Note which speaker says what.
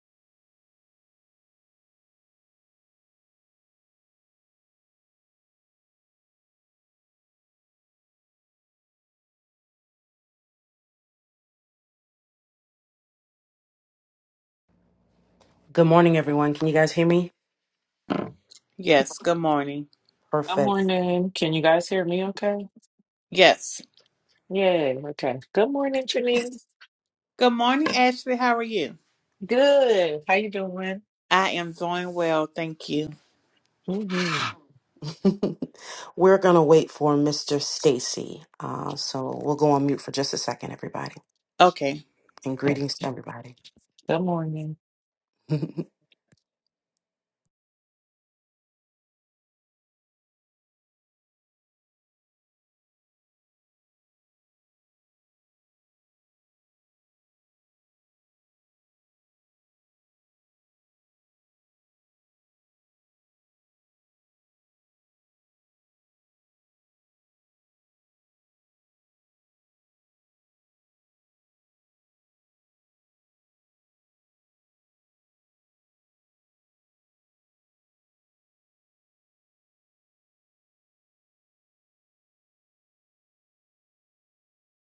Speaker 1: Good morning, everyone. Can you guys hear me?
Speaker 2: Yes, good morning.
Speaker 3: Good
Speaker 1: Perfect.
Speaker 3: morning. Can you guys hear me okay?
Speaker 2: Yes.
Speaker 3: Yeah, okay. Good morning, Janice.
Speaker 2: Good morning, Ashley. How are you?
Speaker 3: Good. How you doing?
Speaker 2: I am doing well, thank you.
Speaker 3: Mm-hmm.
Speaker 1: We're going to wait for Mr. Stacy. Uh, so we'll go on mute for just a second, everybody.
Speaker 2: Okay.
Speaker 1: And greetings to everybody.
Speaker 3: Good morning.